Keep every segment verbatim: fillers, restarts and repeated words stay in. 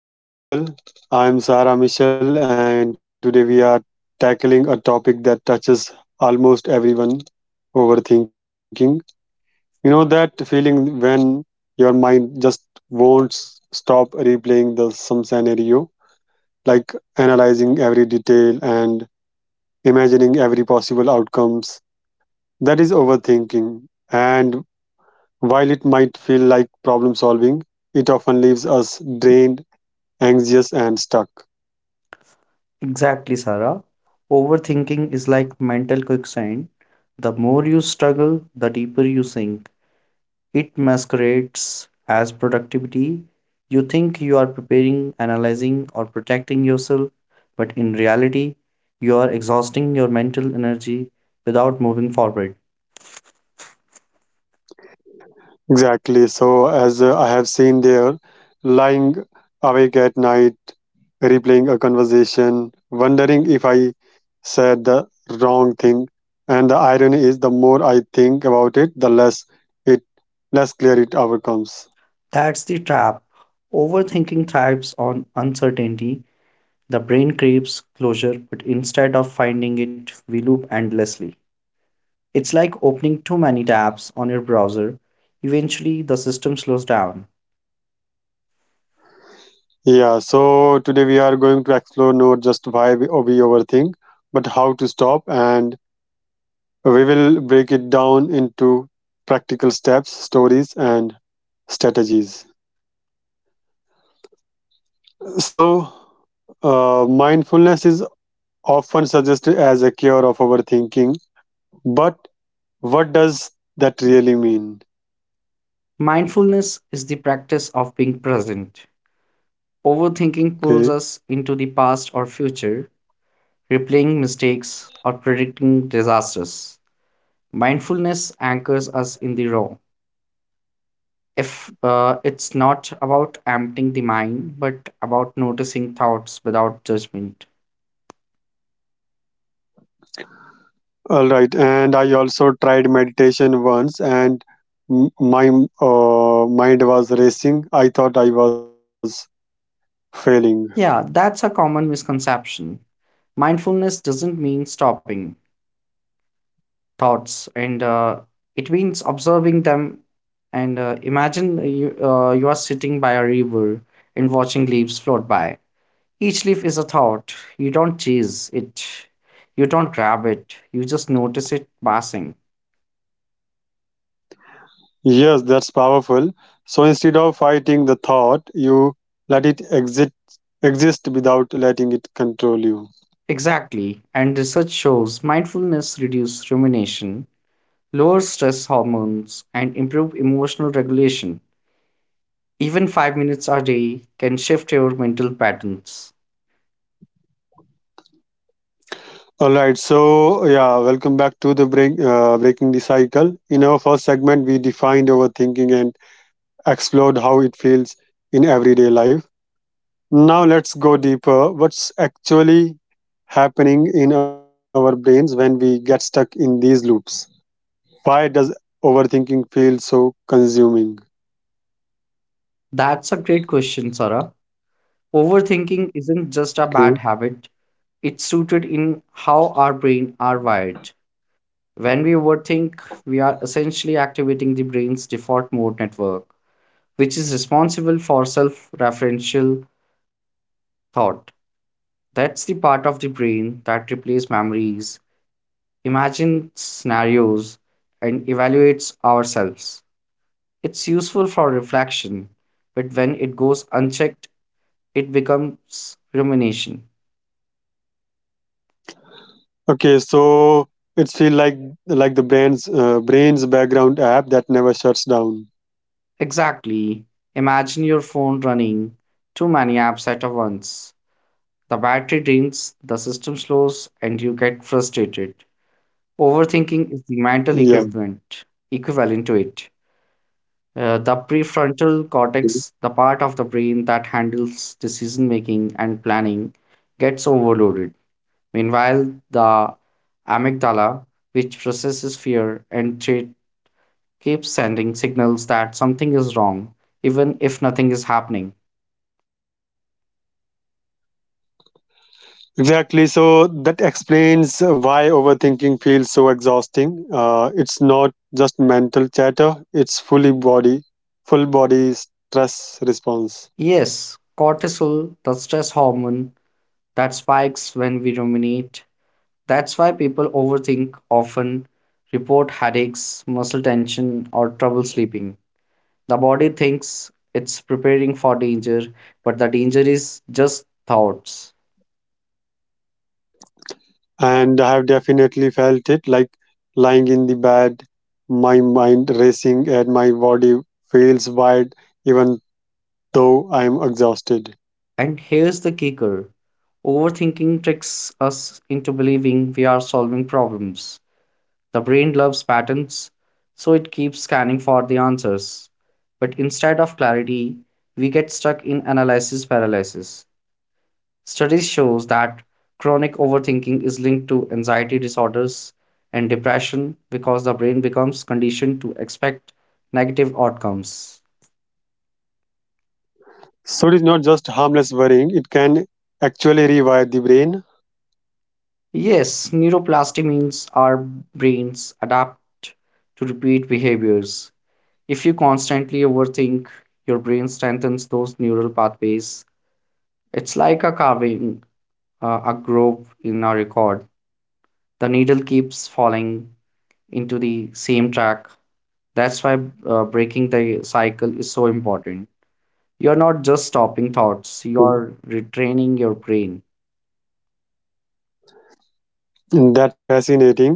to Breaking the Cycle. I'm Sarah Michelle, and today we are tackling a topic that touches almost everyone. Overthinking. You know that feeling when your mind just won't s- stop replaying the some scenario, like analyzing every detail and imagining every possible outcomes. That is overthinking. And while it might feel like problem solving, it often leaves us drained, anxious, and stuck. Exactly, Sarah. Overthinking is like mental quicksand. The more you struggle, the deeper you sink. It masquerades as productivity. You think you are preparing, analyzing, or protecting yourself, but in reality, you are exhausting your mental energy without moving forward. Exactly. So, as uh, I have seen there, lying awake at night, replaying a conversation, wondering if I said the wrong thing. And the irony is, the more I think about it, the less it, less clear it overcomes. That's the trap. Overthinking thrives on uncertainty. The brain craves closure, but instead of finding it, we loop endlessly. It's like opening too many tabs on your browser. Eventually, the system slows down. Yeah. So today we are going to explore not just why we, we overthink, but how to stop, and we will break it down into practical steps, stories, and strategies. So, Uh, mindfulness is often suggested as a cure of overthinking, but what does that really mean? Mindfulness is the practice of being present. Overthinking pulls Okay, us into the past or future, replaying mistakes or predicting disasters. Mindfulness anchors us in the raw. If uh, It's not about emptying the mind, but about noticing thoughts without judgment. all right. And I also tried meditation once, and m- my uh, mind was racing. I thought I was failing. Yeah, that's a common misconception. Mindfulness doesn't mean stopping thoughts, and uh, it means observing them and uh, imagine you, uh, you are sitting by a river and watching leaves float by. Each leaf is a thought. You don't chase it, you don't grab it, you just notice it passing. Yes, that's powerful. So instead of fighting the thought, you let it exit exist without letting it control you. Exactly. And research shows mindfulness reduces rumination, lowers stress hormones, and improve emotional regulation. Even five minutes a day can shift your mental patterns. All right, so yeah, welcome back to the break, uh, breaking the cycle. In our first segment, we defined overthinking and explored how it feels in everyday life. Now let's go deeper. What's actually happening in our brains when we get stuck in these loops? Why does overthinking feel so consuming? That's a great question, Sarah. Overthinking isn't just a bad Okay, habit, it's rooted in how our brain are wired. When we overthink, we are essentially activating the brain's default mode network, which is responsible for self referential thought. That's the part of the brain that replays memories, imagines scenarios, and evaluates ourselves. It's useful for reflection, but when it goes unchecked, it becomes rumination. okay, so it's feel like like the brain's uh, brain's background app that never shuts down. Exactly. Imagine your phone running too many apps at once. The battery drains, the system slows, and you get frustrated. Overthinking is the mental Yeah. equivalent equivalent to it. Uh, the prefrontal cortex, the part of the brain that handles decision making and planning, gets overloaded. Meanwhile, the amygdala, which processes fear and threat, keeps sending signals that something is wrong, even if nothing is happening. Exactly. So that explains why overthinking feels so exhausting. Uh, it's not just mental chatter; it's fully body, full body stress response. Yes, cortisol, the stress hormone that spikes when we ruminate. That's why people overthink often, report headaches, muscle tension, or trouble sleeping. The body thinks it's preparing for danger, but the danger is just thoughts. And I have definitely felt it, like lying in the bed, my mind racing and my body feels wide, even though I'm exhausted. And here's the kicker: overthinking tricks us into believing we are solving problems. The brain loves patterns, so it keeps scanning for the answers. But instead of clarity, we get stuck in analysis paralysis. Studies shows that chronic overthinking is linked to anxiety disorders and depression because the brain becomes conditioned to expect negative outcomes. So it is not just harmless worrying; it can actually rewire the brain. Yes, neuroplasty means our brains adapt to repeat behaviors. If you constantly overthink, your brain strengthens those neural pathways. It's like a carving uh, a groove in a record. The needle keeps falling into the same track. That's why uh, breaking the cycle is so important. You're not just stopping thoughts, you're retraining your brain. Mm, that's fascinating.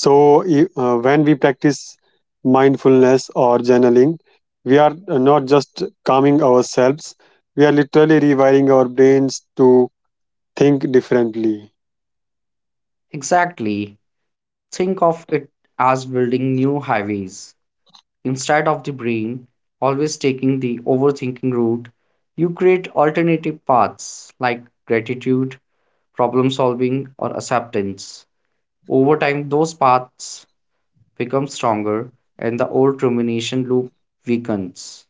So, i- uh, when we practice mindfulness or journaling, we are uh, not just calming ourselves, we are literally rewiring our brains to think differently. Exactly. Think of it as building new highways. Instead of the brain always taking the overthinking route, you create alternative paths like gratitude, problem solving, or acceptance. Over time, those paths become stronger and the old rumination loop weakens.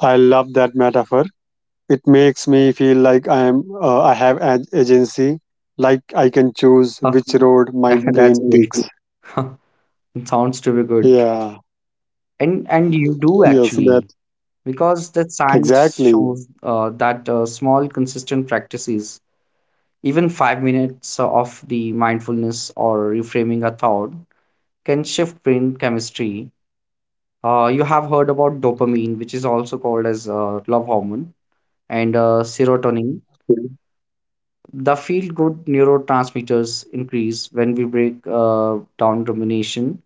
I love that metaphor. It makes me feel like I am uh, I have an agency, like I can choose Huh. which road my That's brain great. takes. It sounds to be good. Yeah. And and you do Yes, that actually, because the science exactly. shows uh, that uh, small consistent practices, even five minutes of the mindfulness or reframing a thought, can shift brain chemistry. Uh, you have heard about dopamine, which is also called as uh, love hormone, and uh, serotonin, the feel good neurotransmitters increase when we break uh, down rumination.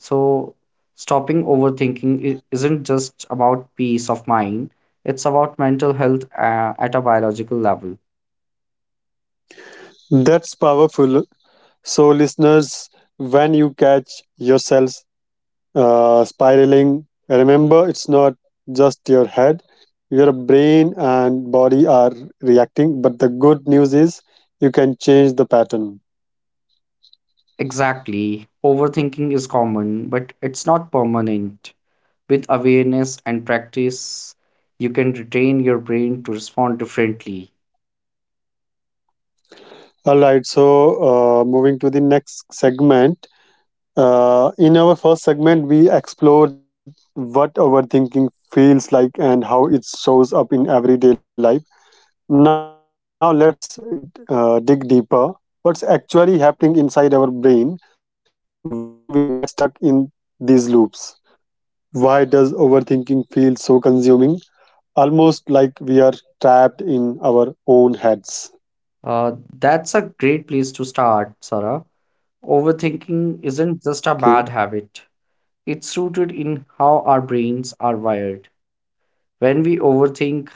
So, stopping overthinking i- isn't just about peace of mind, it's about mental health uh, at a biological level. That's powerful. So, listeners, when you catch yourselves uh, spiraling, remember it's not just your head, your brain and body are reacting. But the good news is you can change the pattern. Exactly. Overthinking is common, but it's not permanent. With awareness and practice, you can retrain your brain to respond differently. All right, so uh, moving to the next segment. Uh, in our first segment, we explored what overthinking feels like and how it shows up in everyday life. Now, let's uh, dig deeper. What's actually happening inside our brain when we get stuck in these loops? Why does overthinking feel so consuming? Almost like we are trapped in our own heads. Uh, that's a great place to start, Sarah. Overthinking Okay. isn't just a bad habit. It's rooted in how our brains are wired. When we overthink,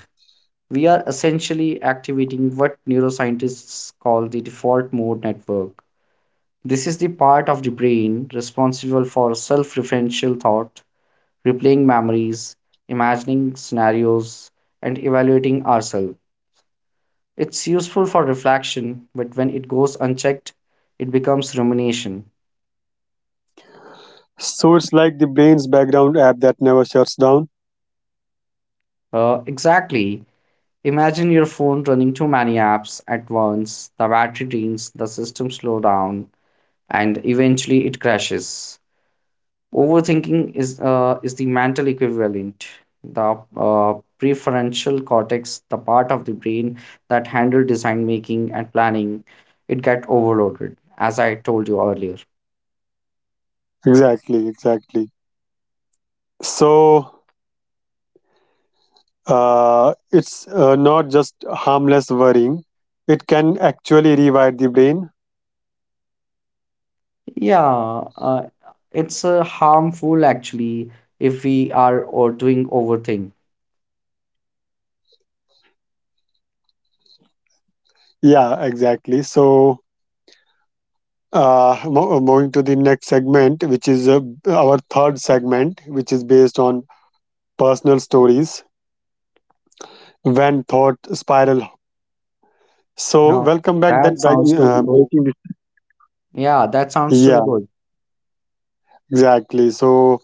we are essentially activating what neuroscientists call the default mode network. This is the part of the brain responsible for self referential thought, replaying memories, imagining scenarios, and evaluating ourselves. It's useful for reflection, but when it goes unchecked, it becomes rumination. So it's like the brain's background app that never shuts down. Uh, exactly. Imagine your phone running too many apps at once, the battery drains, the system slows down, and eventually it crashes. Overthinking is, uh, is the mental equivalent. The uh, prefrontal cortex, the part of the brain that handles design making and planning, it get overloaded, as I told you earlier. Exactly, exactly. So uh, it's uh, not just harmless worrying, it can actually rewire the brain. Yeah, uh, it's uh, harmful actually if we are or doing overthink. Yeah, exactly. So uh, mo- uh, moving to the next segment, which is uh, our third segment, which is based on personal stories when thought spiral. So Now welcome back. that That sounds breaking, to be uh, good. breaking. Yeah, that the- sounds to Yeah, be good. exactly. So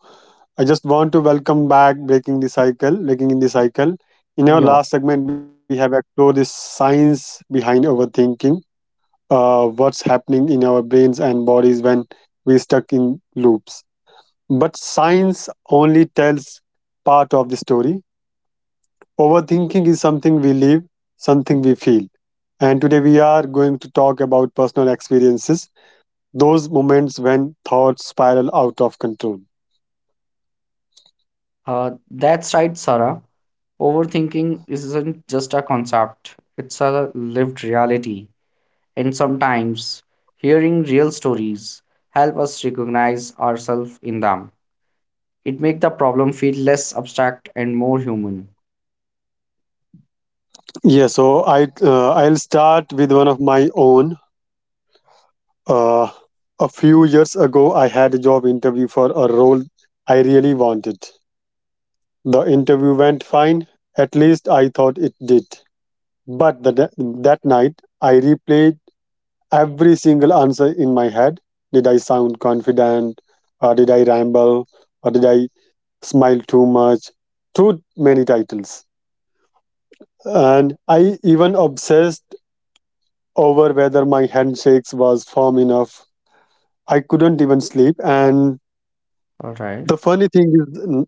I just want to welcome back breaking the cycle, breaking in the cycle. In our Yo, last segment, we have explored the science behind overthinking, uh, what's happening in our brains and bodies when we stuck in loops. But science only tells part of the story. Overthinking is something we live, something we feel. And today we are going to talk about personal experiences, those moments when thoughts spiral out of control. uh, that's right, Sarah. Overthinking isn't just a concept, it's a lived reality. And sometimes hearing real stories help us recognize ourselves in them. It makes the problem feel less abstract and more human. Yeah, so I uh, I'll start with one of my own. Uh, a few years ago, I had a job interview for a role I really wanted. The interview went fine. At least I thought it did. But the, that night, I replayed every single answer in my head. Did I sound confident? Or did I ramble? Or did I smile too much? Too many titles. And I even obsessed over whether my handshakes was firm enough. I couldn't even sleep. And All right. the funny thing is, n-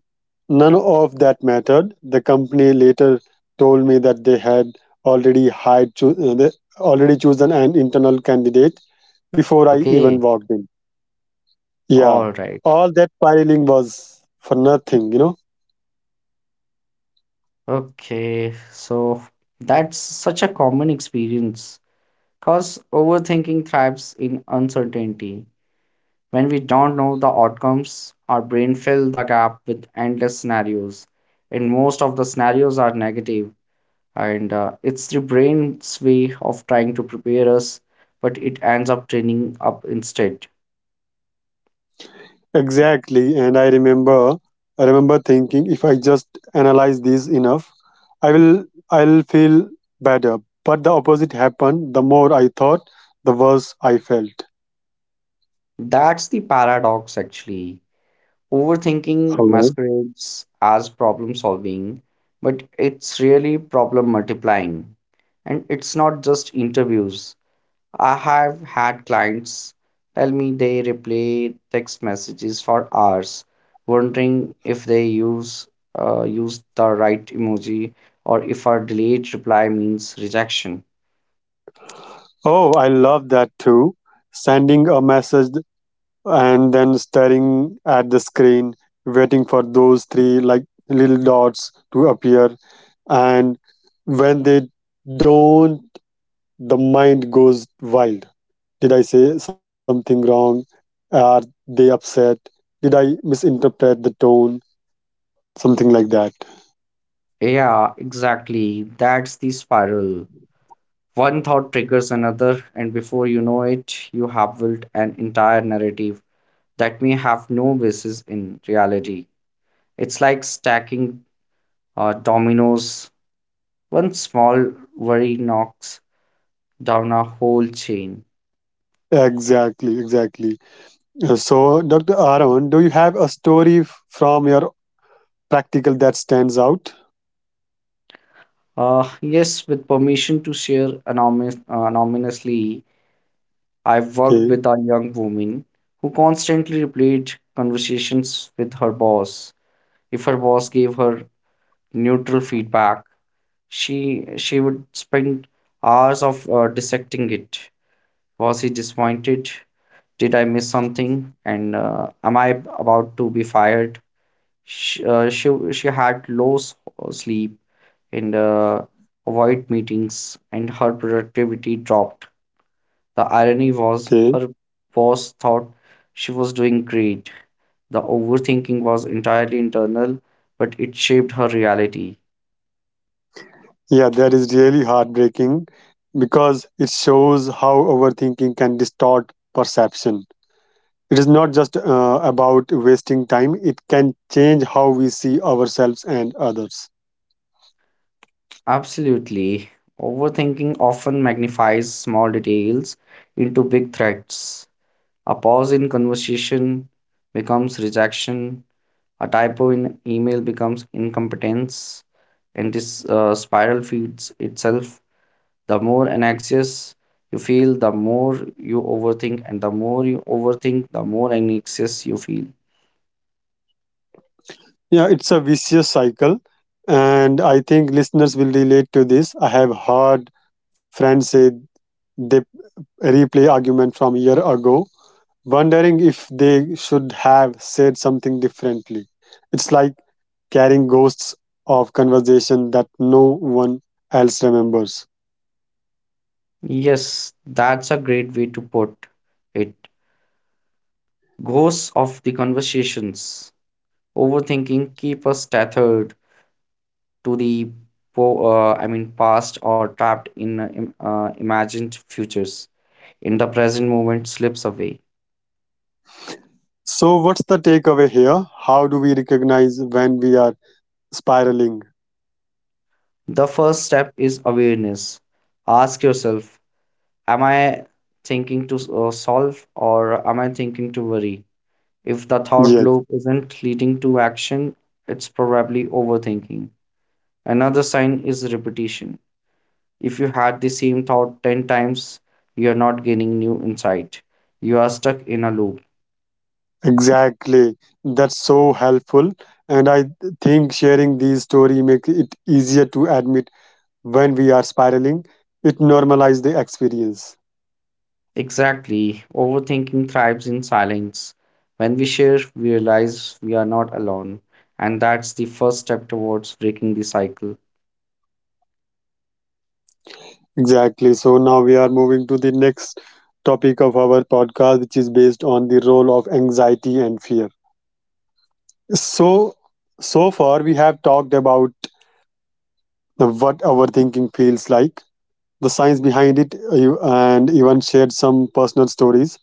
none of that mattered. The company later told me that they had already hired, cho- uh, they already chosen an internal candidate before I Okay. even walked in. All Yeah, right. all that piling was for nothing, you know. Okay. So that's such a common experience because overthinking thrives in uncertainty. When we don't know the outcomes, our brain fills the gap with endless scenarios. And most of the scenarios are negative, negative. And uh, it's the brain's way of trying to prepare us, but it ends up training up instead. Exactly, and I remember, I remember thinking if I just analyze these enough, I will, I'll feel better. But the opposite happened. The more I thought, the worse I felt. That's the paradox, actually. Overthinking masquerades as problem solving, but it's really problem multiplying. And it's not just interviews, I have had clients tell me they replay text messages for hours, wondering if they use uh, used the right emoji or if a delayed reply means rejection. Oh, I love that too. Sending a message and then staring at the screen, waiting for those three like little dots to appear. And when they don't, the mind goes wild. Did I say something wrong? Are they upset? Did I misinterpret the tone? Something like that. Yeah, exactly. That's the spiral. One thought triggers another, and before you know it, you have built an entire narrative that may have no basis in reality. It's like stacking uh, dominoes. One small worry knocks down a whole chain. Exactly, exactly. Uh, So, doctor Aaron, do you have a story f- from your practical that stands out? Uh, yes, with permission to share anonymous, uh, anonymously, I've worked Okay. with a young woman who constantly replayed conversations with her boss. If her boss gave her neutral feedback, she she would spend hours of uh, dissecting it. Was he disappointed? Did I miss something? And uh, am I about to be fired? She, uh, she, she had low s- sleep in the avoid meetings and her productivity dropped. The irony was Okay. her boss thought she was doing great. The overthinking was entirely internal, but it shaped her reality. Yeah, that is really heartbreaking because it shows how overthinking can distort perception. It is not just uh, about wasting time, it can change how we see ourselves and others. Absolutely. Overthinking often magnifies small details into big threats. A pause in conversation becomes rejection, a typo in email becomes incompetence, and this uh, spiral feeds itself. The more anxious you feel, the more you overthink, and the more you overthink, the more anxious you feel. Yeah, it's a vicious cycle. And I think listeners will relate to this. I have heard friends say they replay argument from a year ago wondering if they should have said something differently. It's like carrying ghosts of conversation that no one else remembers. Yes, that's a great way to put it. Ghosts of the conversations. Overthinking keep us tethered to the po- uh, I mean past or trapped in uh, im- uh, imagined futures. In the present moment slips away. So, what's the takeaway here? How do we recognize when we are spiraling? The first step is awareness. Ask yourself: Am I thinking to s- uh, solve or am I thinking to worry? If the thought Yes, loop isn't leading to action, it's probably overthinking. Another sign is repetition. If you had the same thought ten times, you're not gaining new insight. You are stuck in a loop. exactly. That's so helpful. And I think sharing these story makes it easier to admit when we are spiraling. It normalizes the experience. Exactly. Overthinking thrives in silence. When we share, we realize we are not alone. And that's the first step towards breaking the cycle. Exactly. So now we are moving to the next topic of our podcast, which is based on the role of anxiety and fear. So, so far we have talked about the, what overthinking feels like, the science behind it, uh, you- and even shared some personal stories.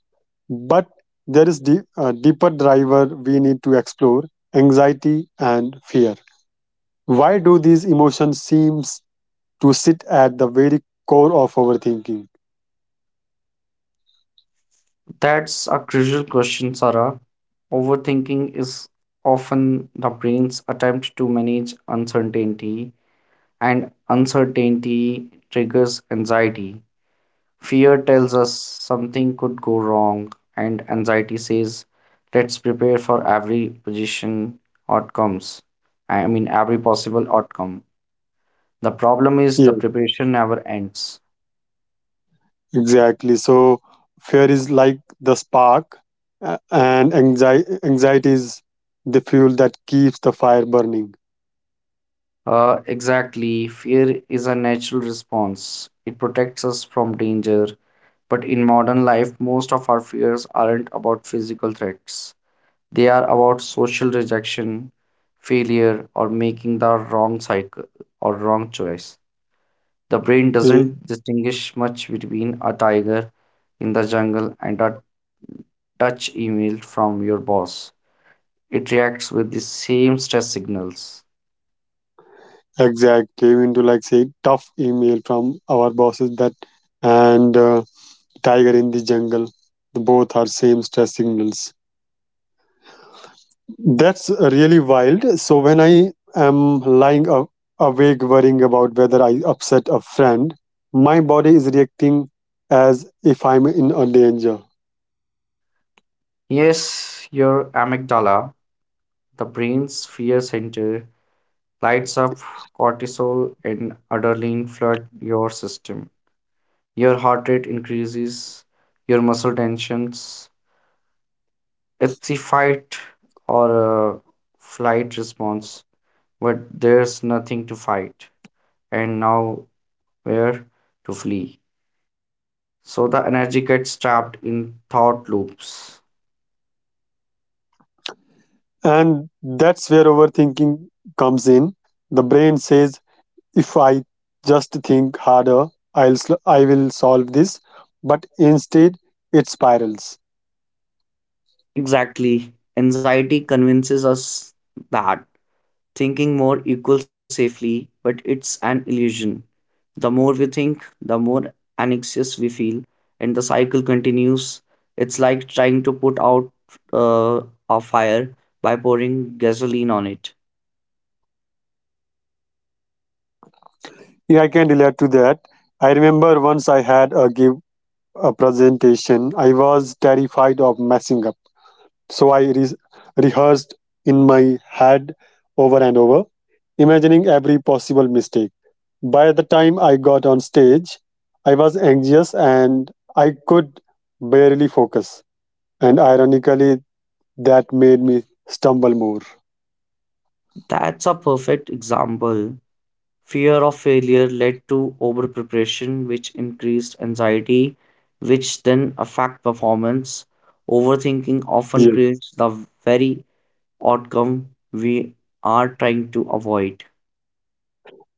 But there is deep, a deeper driver we need to explore: anxiety and fear. Why do these emotions seem to sit at the very core of overthinking? That's a crucial question, Sarah. Overthinking is often the brain's attempt to manage uncertainty, and uncertainty triggers anxiety. Fear tells us something could go wrong, and anxiety says, let's prepare for every position outcomes. I mean, every possible outcome. The problem is the preparation never ends. Exactly. So fear is like the spark, uh, and anxiety, anxiety is the fuel that keeps the fire burning. Uh, exactly. Fear is a natural response. It protects us from danger. But in modern life, most of our fears aren't about physical threats. They are about social rejection, failure, or making the wrong cycle or wrong choice. The brain Okay. doesn't distinguish much between a tiger in the jungle and a touch email from your boss. It reacts with the same stress signals. Exactly. Even to like say tough email from our bosses that and uh, tiger in the jungle. Both are same stress signals. That's really wild. So when I am lying a- awake worrying about whether I upset a friend, my body is reacting as if I'm in a danger. Yes, your amygdala, the brain's fear center, lights up. Cortisol and adrenaline flood your system. Your heart rate increases, your muscle tensions. It's a fight or a flight response, but there's nothing to fight and now where to flee. So the energy gets trapped in thought loops. And that's where overthinking comes in. The brain says, if I just think harder, I'll sl- I will solve this. But instead, it spirals. Exactly. Anxiety convinces us that thinking more equals safely, but it's an illusion. The more we think, the more anxious we feel, and the cycle continues. It's like trying to put out uh, a fire by pouring gasoline on it. Yeah, I can relate to that. I remember once I had a give a presentation. I was terrified of messing up, so I re- rehearsed in my head over and over, imagining every possible mistake. By the time I got on stage, I was anxious and I could barely focus. And ironically, that made me stumble more. That's a perfect example. Fear of failure led to overpreparation, which increased anxiety, which then affect performance. Overthinking often Yes, creates the very outcome we are trying to avoid.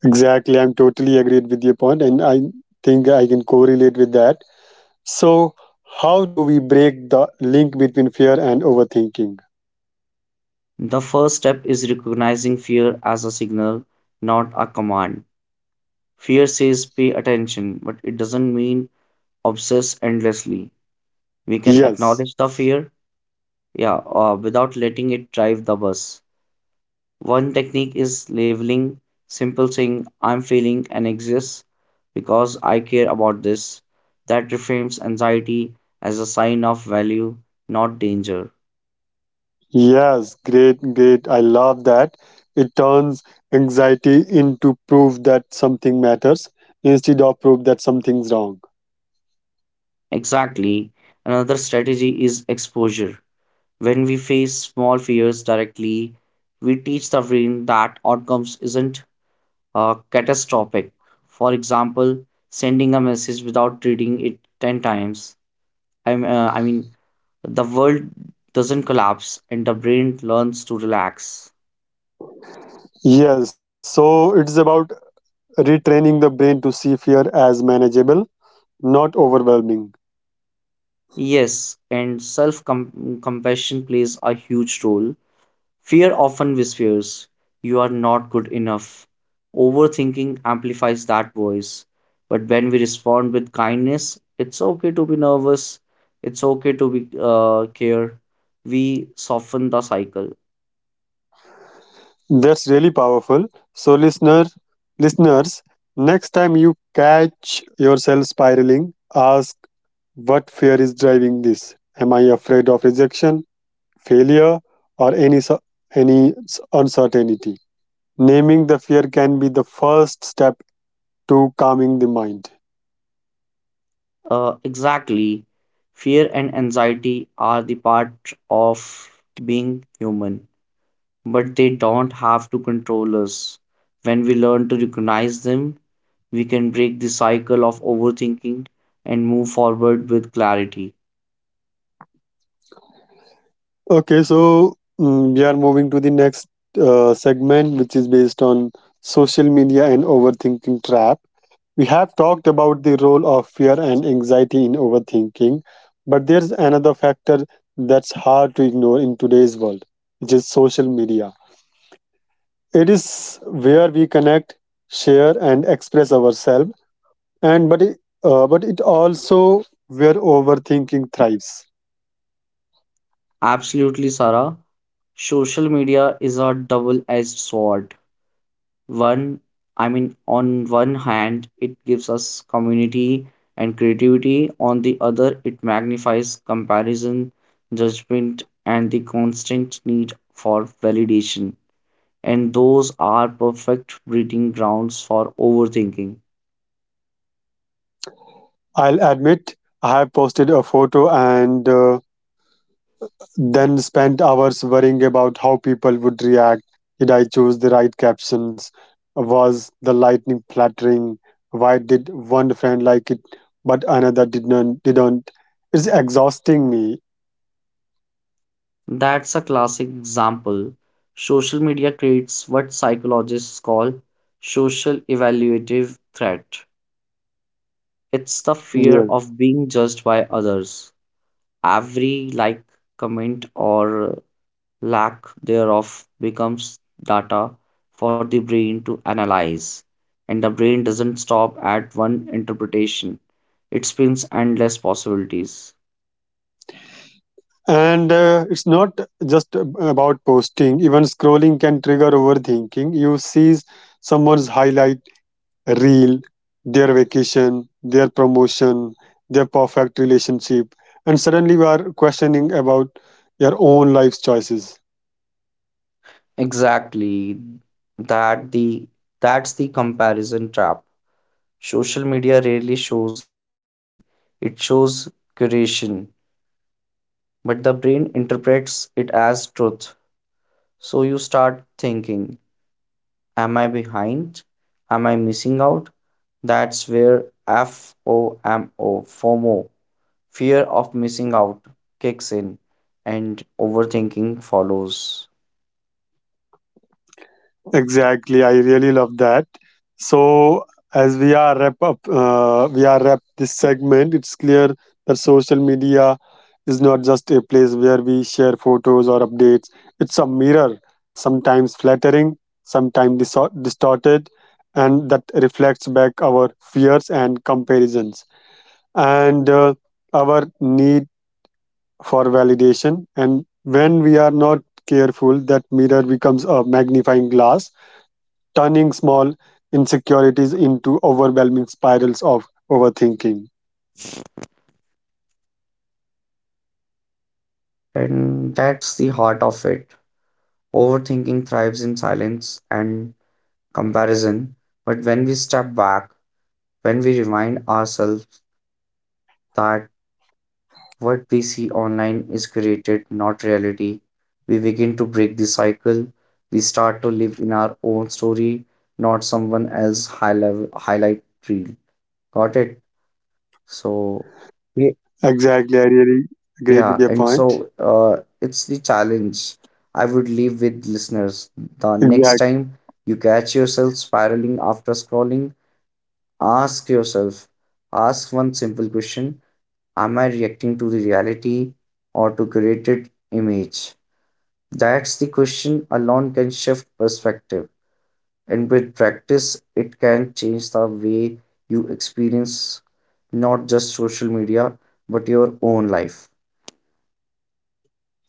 exactly. I'm totally agreed with your point, and I think I can correlate with that. So, how do we break the link between fear and overthinking? The first step is recognizing fear as a signal, not a command. Fear says pay attention, but it doesn't mean obsess endlessly. We can Yes. acknowledge the fear, yeah, uh, without letting it drive the bus. One technique is labeling, simple saying, I'm feeling and exist because I care about this. That reframes anxiety as a sign of value, not danger. Yes, great, great. I love that. It turns anxiety into proof that something matters instead of proof that something's wrong. Exactly. Another strategy is exposure. When we face small fears directly, we teach the brain that outcomes isn't uh, catastrophic. For example, sending a message without reading it ten times. I'm, uh, I mean, the world doesn't collapse and the brain learns to relax. Yes, so it's about retraining the brain to see fear as manageable, not overwhelming. Yes, and self compassion plays a huge role. Fear often whispers, you are not good enough. Overthinking amplifies that voice. But when we respond with kindness, it's okay to be nervous, it's okay to be uh, care. We soften the cycle. That's really powerful. So listener, listeners, next time you catch yourself spiraling, ask what fear is driving this? Am I afraid of rejection? Failure, or any, su- any s- uncertainty. Naming the fear can be the first step to calming the mind. Uh, exactly. Fear and anxiety are the part of being human, but they don't have to control us. When we learn to recognize them, we can break the cycle of overthinking and move forward with clarity. Okay, so mm, we are moving to the next uh, segment, which is based on social media and overthinking trap. We have talked about the role of fear and anxiety in overthinking, but there's another factor that's hard to ignore in today's world, which is social media. It is where we connect, share, and express ourselves. and but it, uh, but it also where overthinking thrives. Absolutely, Sarah. Social media is a double edged sword. One, I mean, on one hand, it gives us community and creativity, on the other, it magnifies comparison, judgment, and the constant need for validation. And those are perfect breeding grounds for overthinking. I'll admit I have posted a photo and uh, then spent hours worrying about how people would react. Did I choose the right captions? Was the lightning flattering? Why did one friend like it but another did not didn't? It's exhausting me. That's a classic example. Social media creates what psychologists call social evaluative threat. It's the fear Yes. of being judged by others. Every like, comment, or lack thereof becomes data for the brain to analyze. And the brain doesn't stop at one interpretation, it spins endless possibilities. And uh, it's not just ab- about posting. Even scrolling can trigger overthinking. You see someone's highlight reel, their vacation, their promotion, their perfect relationship, and suddenly you are questioning about your own life's choices. Exactly. That the that's the comparison trap. Social media rarely shows reality, it shows curation, but the brain interprets it as truth. So you start thinking, am I behind? Am I missing out? That's where F O M O, F O M O, fear of missing out, kicks in and overthinking follows. Exactly, I really love that. So, as we are wrap up, uh, we are wrap this segment. It's clear that social media is not just a place where we share photos or updates. It's a mirror, sometimes flattering, sometimes diso- distorted, and that reflects back our fears and comparisons. And uh, our need for validation. And when we are not careful, that mirror becomes a magnifying glass, turning small insecurities into overwhelming spirals of overthinking. And that's the heart of it. Overthinking thrives in silence and comparison, but when we step back, when we remind ourselves that what we see online is created, not reality, we begin to break the cycle. We start to live in our own story, not someone else's high level highlight reel. Got it? So, ye- Exactly, I really agreed yeah, with your and so point. uh, it's the challenge I would leave with listeners. The next Exactly. time you catch yourself spiraling after scrolling, ask yourself, ask one simple question: am I reacting to the reality or to curated image? That's the question alone can shift perspective. And with practice, it can change the way you experience not just social media, but your own life.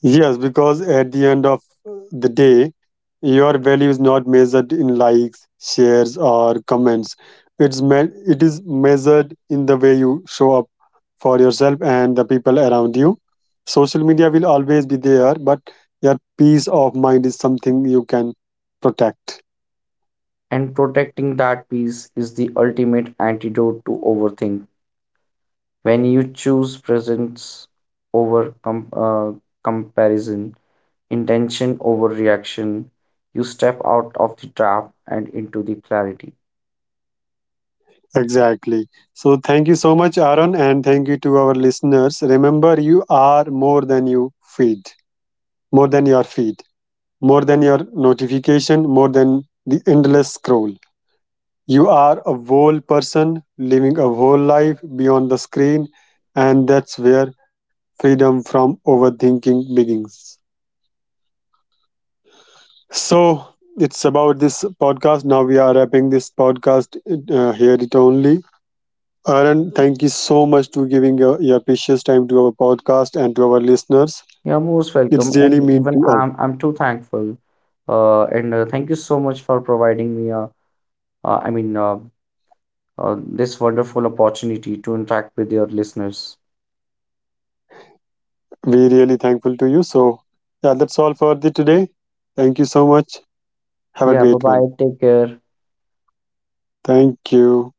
Yes, because at the end of the day, your value is not measured in likes, shares, or comments. It's me- it is measured in the way you show up for yourself and the people around you. Social media will always be there, but your peace of mind is something you can protect. And protecting that peace is the ultimate antidote to overthink. When you choose presence over com- uh, comparison, intention over reaction, you step out of the trap and into the clarity. Exactly. So thank you so much, Aaron, and thank you to our listeners. Remember, you are more than you feed, more than your feed. More than your notification, more than the endless scroll. You are a whole person living a whole life beyond the screen, and that's where freedom from overthinking begins. So, it's about this podcast. Now we are wrapping this podcast. Uh, here it only. Aaron, thank you so much to giving your, your precious time to our podcast and to our listeners. You're most welcome, It's really and mean even to us. I'm I'm too thankful. Uh, and uh, thank you so much for providing me uh, uh, I mean uh, uh, this wonderful opportunity to interact with your listeners. We're really thankful to you. So, yeah, that's all for the today. Thank you so much. Have Yeah, a bye great bye. one. Take care. Thank you.